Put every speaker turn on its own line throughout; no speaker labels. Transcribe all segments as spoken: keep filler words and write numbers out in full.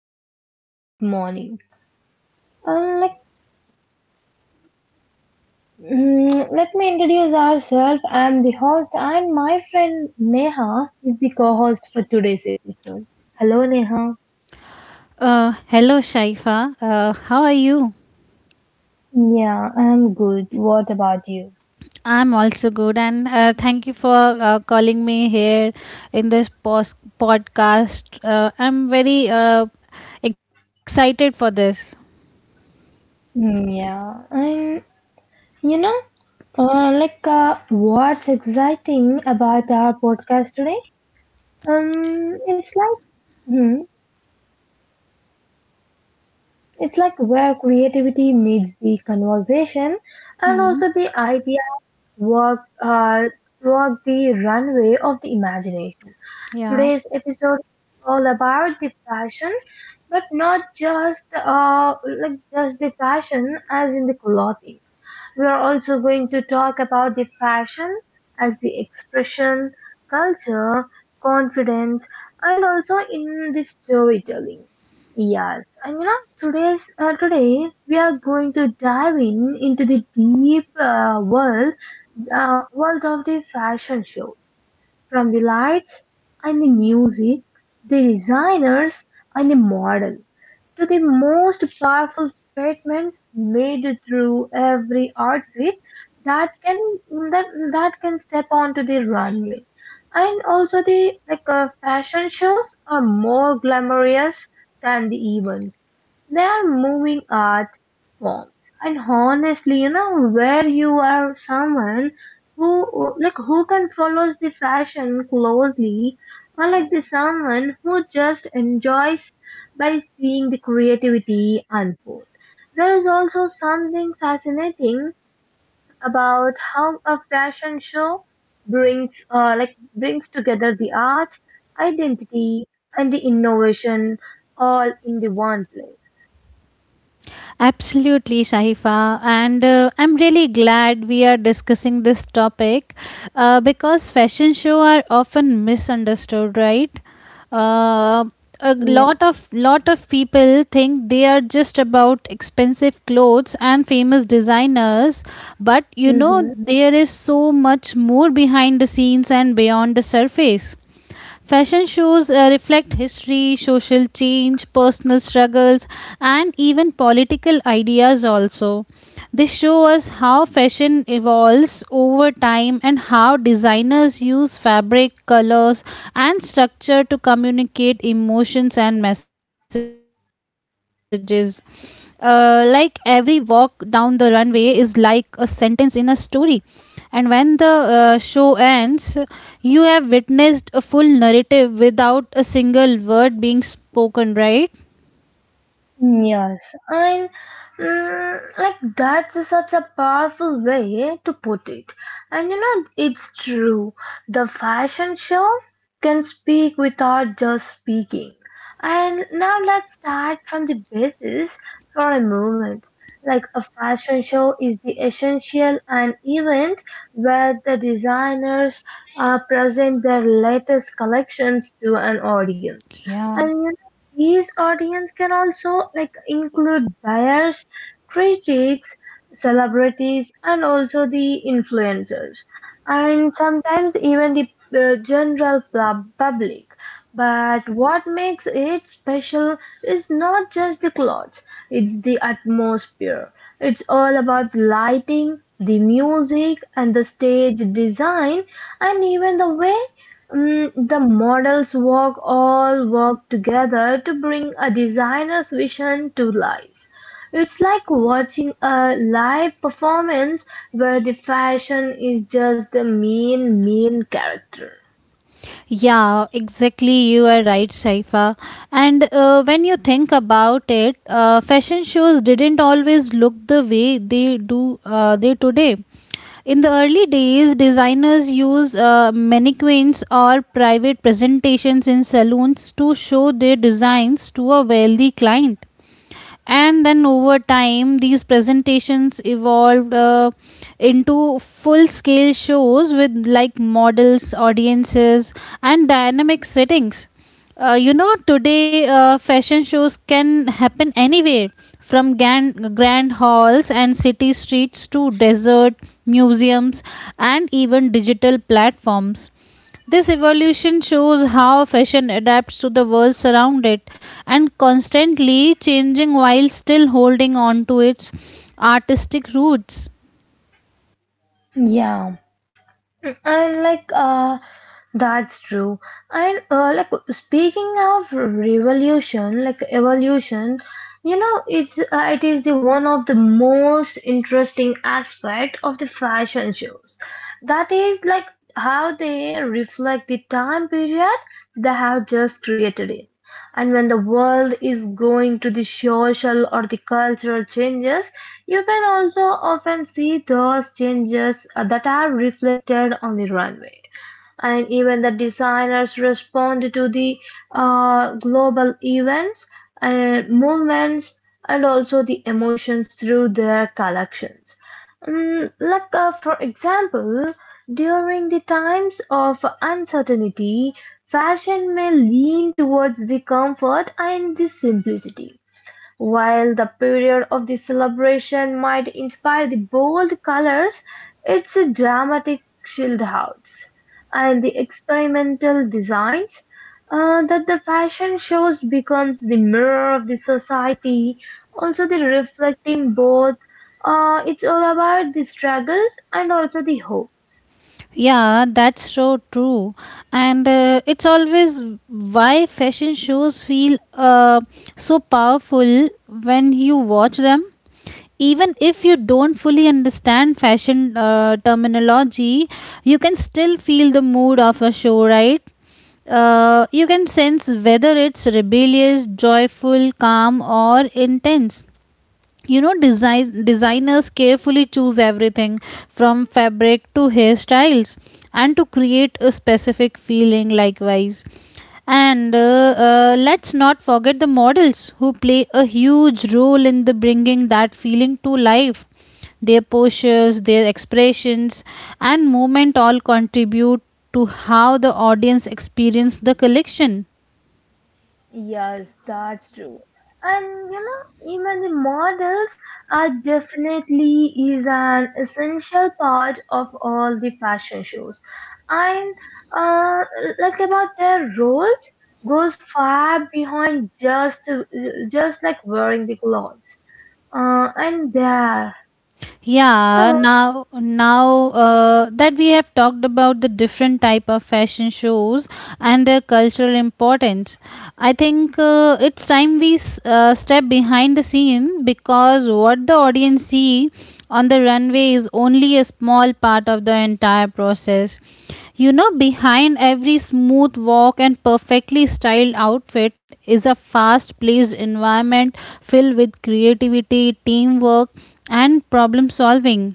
a very warm good morning. And like, mm, Let me introduce ourselves. I'm the host, and my friend Neha is the co-host for today's episode. Hello, Neha.
Uh, hello, Shaifa. Uh, how are you?
Yeah, I'm good. What about you?
I'm also good, and uh, thank you for uh, calling me here in this pos- podcast. Uh, I'm very uh, excited for this.
Mm, Yeah, and you know, uh, like, uh, what's exciting about our podcast today? Um, it's like, hmm. it's like where creativity meets the conversation and
Hmm.
also the idea walk, uh, walk the runway of the imagination.
Yeah.
Today's episode is all about the fashion, but not just uh, like just the fashion as in the clothing. We are also going to talk about the fashion as the expression, culture, confidence, and also in the storytelling. Yes, and you know today's uh, today we are going to dive in into the deep uh, world uh, world of the fashion show. From the lights and the music, the designers and the model, to the most powerful statements made through every outfit that can that that can step onto the runway. And also the like uh, fashion shows are more glamorous than the events, they are moving art forms. And honestly, you know, where you are someone who who- like who can follows the fashion closely, or like the someone who just enjoys by seeing the creativity unfold, there is also something fascinating about how a fashion show brings uh, like brings together the art, identity, and the innovation all in the one place.
Absolutely, Sahifa. And uh, I'm really glad we are discussing this topic, uh, because fashion shows are often misunderstood, right? Uh, a
Yeah.
lot of lot of people think they are just about expensive clothes and famous designers, but you know there is so much more behind the scenes and beyond the surface. Fashion shows uh, reflect history, social change, personal struggles, and even political ideas also. They show us how fashion evolves over time and how designers use fabric, colors, and structure to communicate emotions and messages. Uh, like every walk down the runway is like a sentence in a story. And when the uh, show ends, you have witnessed a full narrative without a single word being spoken, right?
Yes, and mm, like that's such a powerful way to put it. And you know, it's true. The fashion show can speak without just speaking. And now let's start from the basis for a moment. Like, a fashion show is the essential an event where the designers uh, present their latest collections to an audience.
Yeah.
These audience can also like include buyers, critics, celebrities, and also the influencers, and sometimes even the uh, general pub- public. But what makes it special is not just the clothes; it's the atmosphere. It's all about lighting, the music, and the stage design, and even the way Mm, the models work all work together to bring a designer's vision to life. It's like watching a live performance where the fashion is just the main main character.
Yeah, exactly. You are right, Shaifa. And uh, when you think about it, uh, fashion shows didn't always look the way they do uh, they today. In the early days, designers used uh, mannequins or private presentations in saloons to show their designs to a wealthy client, and then over time these presentations evolved, uh, into full scale shows with like models, audiences, and dynamic settings. Uh, you know, today uh, fashion shows can happen anywhere from grand, grand halls and city streets to desert museums and even digital platforms. This evolution shows how fashion adapts to the world around it and constantly changing while still holding on to its artistic roots.
Yeah. and like uh that's true. And uh, like speaking of revolution like evolution, you know it's uh, it is the one of the most interesting aspect of the fashion shows, that is like how they reflect the time period they have just created it. And when the world is going to the social or the cultural changes, you can also often see those changes uh, that are reflected on the runway. And even the designers respond to the uh, global events and movements and also the emotions through their collections. Mm, like, uh, for example, during the times of uncertainty, fashion may lean towards the comfort and the simplicity, while the period of the celebration might inspire the bold colors, its dramatic shieldouts and the experimental designs. Uh, that the fashion shows becomes the mirror of the society, also the reflecting both. Uh, it's all about the struggles and also the hopes.
Yeah, that's so true. And uh, it's always why fashion shows feel uh, so powerful when you watch them. Even if you don't fully understand fashion uh, terminology, you can still feel the mood of a show, right? Uh, you can sense whether it's rebellious, joyful, calm, or intense. You know, design designers carefully choose everything from fabric to hairstyles and to create a specific feeling likewise. And uh, uh, let's not forget the models who play a huge role in the bringing that feeling to life. Their postures, their expressions, and movement all contribute to how the audience experience the collection.
Yes, that's true. And you know, even the models are definitely is an essential part of all the fashion shows. And uh, like about their roles goes far behind just just like wearing the clothes. Uh, and there.
Yeah now now uh, that we have talked about the different type of fashion shows and their cultural importance, I think uh, it's time we s- uh, step behind the scene, because what the audience see on the runway is only a small part of the entire process. You know, behind every smooth walk and perfectly styled outfit is a fast paced environment filled with creativity, teamwork, and problem solving.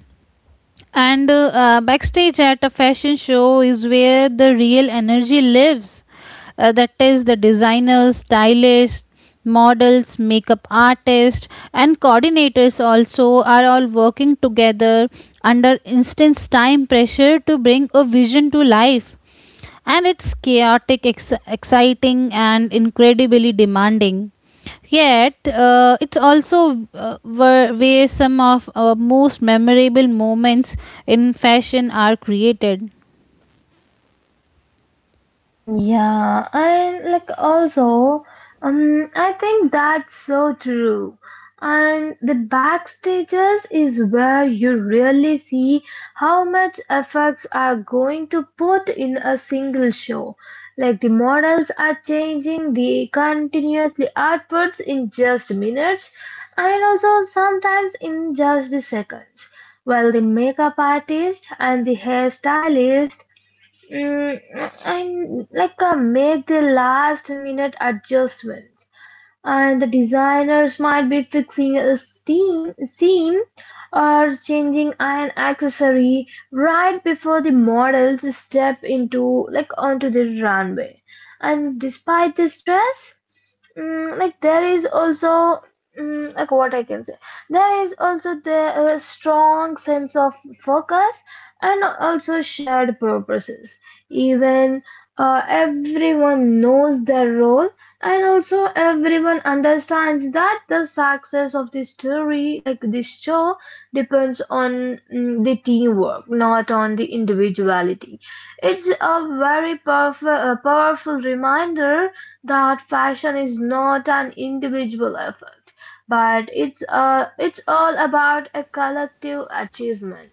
And uh, uh, backstage at a fashion show is where the real energy lives. Uh, that is the designers, stylists, models, makeup artists, and coordinators also are all working together under intense time pressure to bring a vision to life, and it's chaotic, ex- exciting, and incredibly demanding. Yet, uh, it's also uh, where, where some of our most memorable moments in fashion are created.
Mm, Yeah, and like also, um, I think that's so true. And the backstages is where you really see how much efforts are going to put in a single show. Like the models are changing, the continuously outputs in just minutes, and also sometimes in just the seconds. While the makeup artist and the hairstylist Mm, I'm like uh, make the last minute adjustments, and the designers might be fixing a steam seam or changing an accessory right before the models step into like onto the runway. And despite the stress, Mm, like there is also mm, like what I can say, there is also the uh, strong sense of focus and also shared purposes. Even uh, everyone knows their role, and also everyone understands that the success of this story like this show depends on mm, the teamwork, not on the individuality. It's a very powerful, uh, powerful reminder that fashion is not an individual effort, but it's a, it's all about a collective achievement.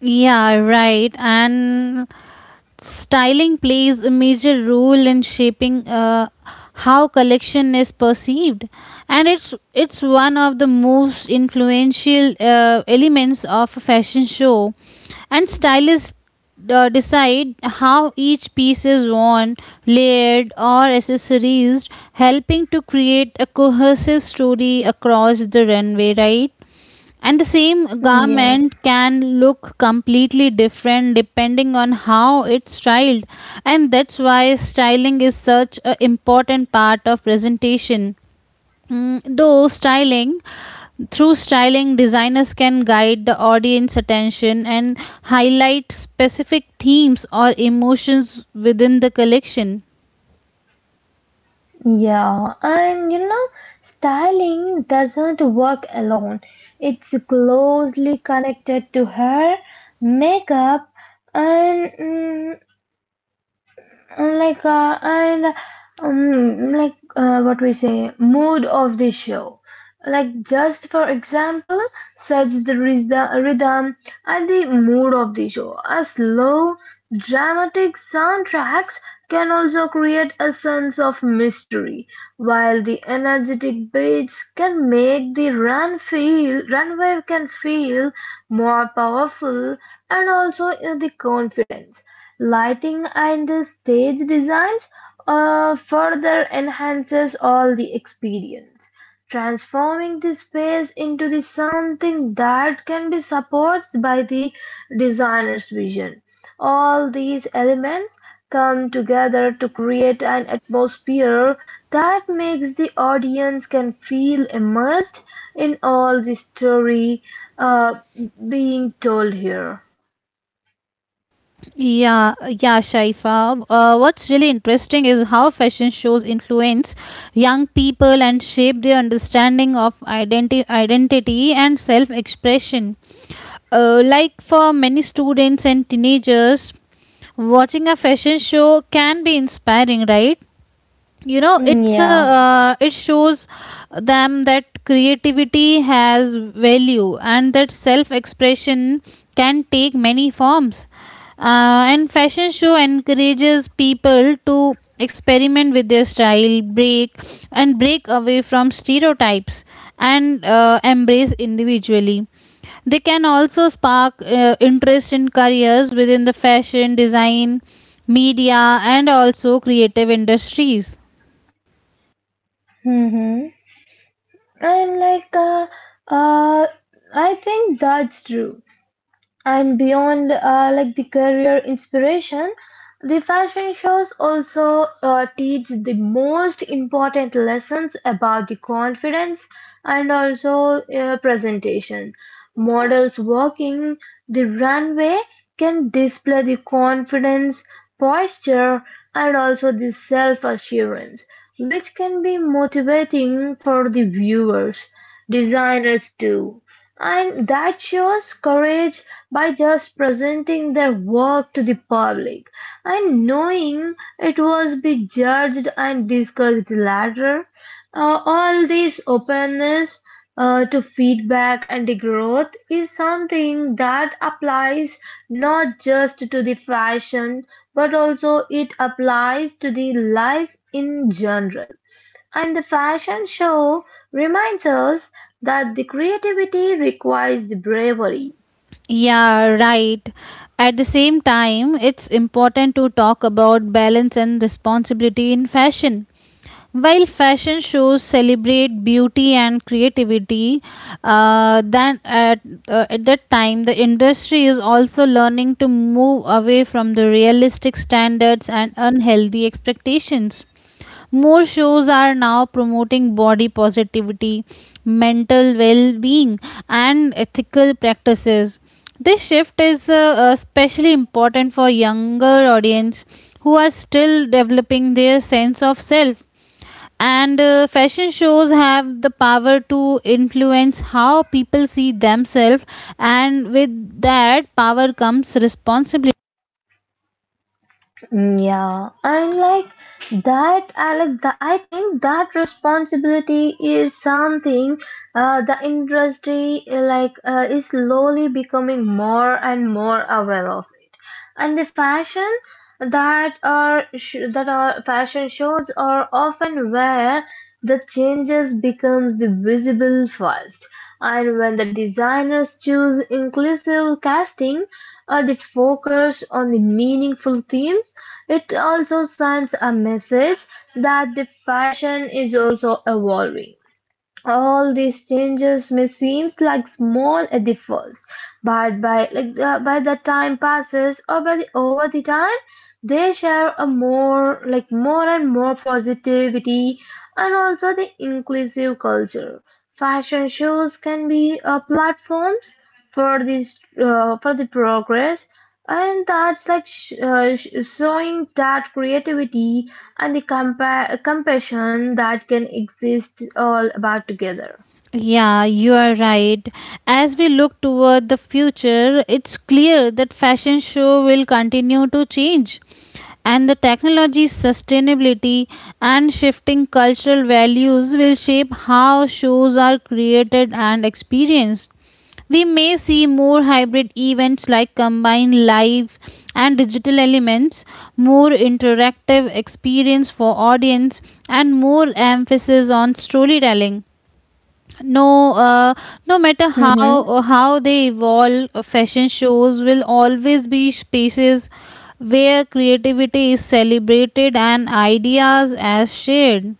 Yeah, right. And styling plays a major role in shaping uh, how collection is perceived, and it's it's one of the most influential uh, elements of a fashion show. And stylists uh, decide how each piece is worn, layered, or accessorized, helping to create a cohesive story across the runway, right? And the same garment
Yes.
can look completely different depending on how it's styled. And that's why styling is such an important part of presentation. Mm, though styling, through styling, designers can guide the audience attention and highlight specific themes or emotions within the collection.
Yeah. And you know, styling doesn't work alone. It's closely connected to hair, makeup, and mm, Uh, like uh, and um, like uh, what we say mood of the show. Like, just for example, sets the rhythm rhythm and the mood of the show. A slow dramatic soundtracks can also create a sense of mystery, while the energetic beats can make the run feel runway can feel more powerful and also uh, the confidence. Lighting and stage designs uh, further enhances all the experience, transforming the space into the something that can be supported by the designer's vision. All these elements come together to create an atmosphere that makes the audience can feel immersed in all the story uh, being told here.
Yeah, yeah, Shaifa. Uh, what's really interesting is how fashion shows influence young people and shape their understanding of identi- identity and self expression. Uh, like for many students and teenagers, watching a fashion show can be inspiring, right? You know,
Mm,
it's a,
Yeah.
uh, it shows them that creativity has value, and that self expression can take many forms. Uh, and fashion show encourages people to experiment with their style break and break away from stereotypes, and uh, embrace individually. They can also spark uh, interest in careers within the fashion design, media, and also creative industries.
hmm And like, uh, uh, I think that's true. And beyond uh, like the career inspiration, the fashion shows also uh, teach the most important lessons about the confidence and also uh, presentation. Models walking the runway can display the confidence, posture, and also the self-assurance, which can be motivating for the viewers. Designers too. And that shows courage by just presenting their work to the public and knowing it was be judged and discussed later. Uh, all this openness uh, to feedback and growth is something that applies not just to the fashion, but also it applies to the life in general. And the fashion show reminds us that the creativity requires the bravery.
Yeah, right. At the same time, it's important to talk about balance and responsibility in fashion. While fashion shows celebrate beauty and creativity, uh, then at, uh, at that time the industry is also learning to move away from the realistic standards and unhealthy expectations. More shows are now promoting body positivity, mental well being, and ethical practices. This shift is uh, uh, especially important for younger audience who are still developing their sense of self. And uh, fashion shows have the power to influence how people see themselves, and with that power comes responsibility.
Mm, Yeah, and like that, Alex, the, I think that responsibility is something uh, the industry uh, like uh, is slowly becoming more and more aware of. And the fashion that are sh- that are fashion shows are often where the changes becomes visible first. And when the designers choose inclusive casting or the focus on the meaningful themes, it also sends a message that the fashion is also evolving. All these changes may seem like small at the first, but by like uh, by the time passes or by the over the time they share a more like more and more positivity and also the inclusive culture. Fashion shows can be uh, platforms for this uh, for the progress, and that's like sh- uh, sh- showing that creativity and the compa- compassion that can exist all about together.
Yeah, you are right. As we look toward the future, it's clear that fashion show will continue to change. And the technology, sustainability, and shifting cultural values will shape how shows are created and experienced. We may see more hybrid events like combined live and digital elements, more interactive experience for audience, and more emphasis on storytelling. No uh, no matter
Mhm.
how how they evolve, uh, fashion shows will always be spaces where creativity is celebrated and ideas as shared.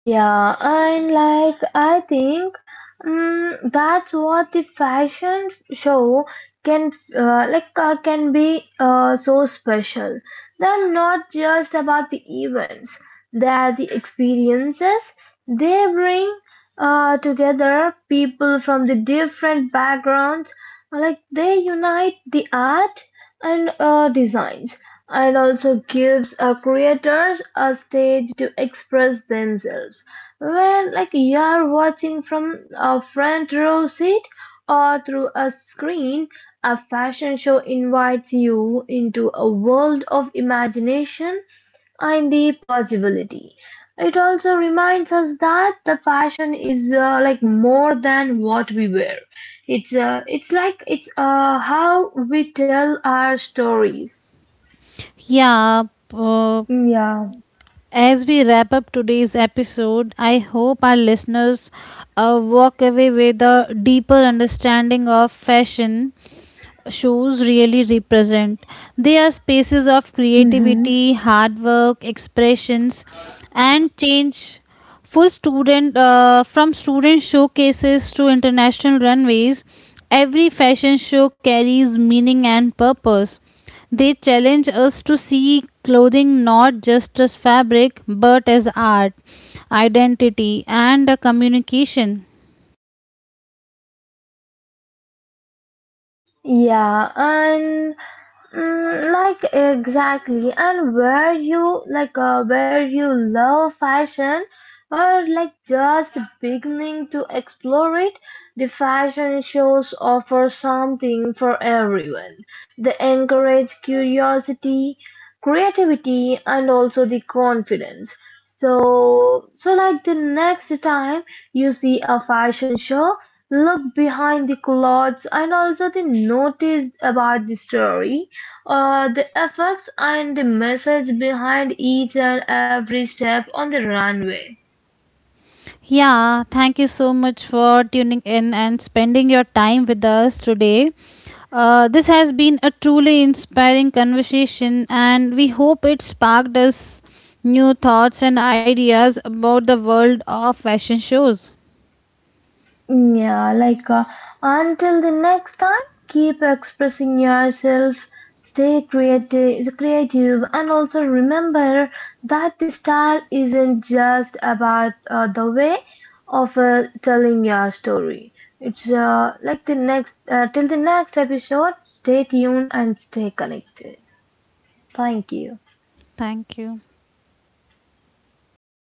Yeah, and like I think um, that's what the fashion show can uh, like uh, can be uh, so special. They're not just about the events; they're the experiences they bring uh, together people from the different backgrounds. Like they unite the art and uh, designs. It also gives uh, creators a stage to express themselves. When, like, you're watching from a front row seat or through a screen, a fashion show invites you into a world of imagination and the possibility. It also reminds us that the fashion is uh, like more than what we wear. It's uh, it's like it's uh, how we tell our stories.
Yeah. uh,
Mm, Yeah.
As we wrap up today's episode, I hope our listeners uh, walk away with a deeper understanding of fashion shows really represent. They are spaces of
hmm
creativity, hard work, expressions, and change. Full student, uh, from student showcases to international runways, every fashion show carries meaning and purpose. They challenge us to see clothing not just as fabric but as art, identity, and a communication.
Yeah. And Mm, like exactly, and where you like uh, where you love fashion or like just beginning to explore it, the fashion shows offer something for everyone. They encourage curiosity, creativity, and also the confidence. So, so like the next time you see a fashion show, look behind the clothes and also the notice about the story, uh, the effects and the message behind each and every step on the runway.
Yeah, thank you so much for tuning in and spending your time with us today. Uh, this has been a truly inspiring conversation, and we hope it sparked us new thoughts and ideas about the world of fashion shows.
Yeah, like uh, until the next time, keep expressing yourself, stay creative, creative, and also remember that the style isn't just about uh, the way of uh, telling your story. It's uh, like the next uh, till the next episode. Stay tuned and stay connected. Thank you.
Thank you.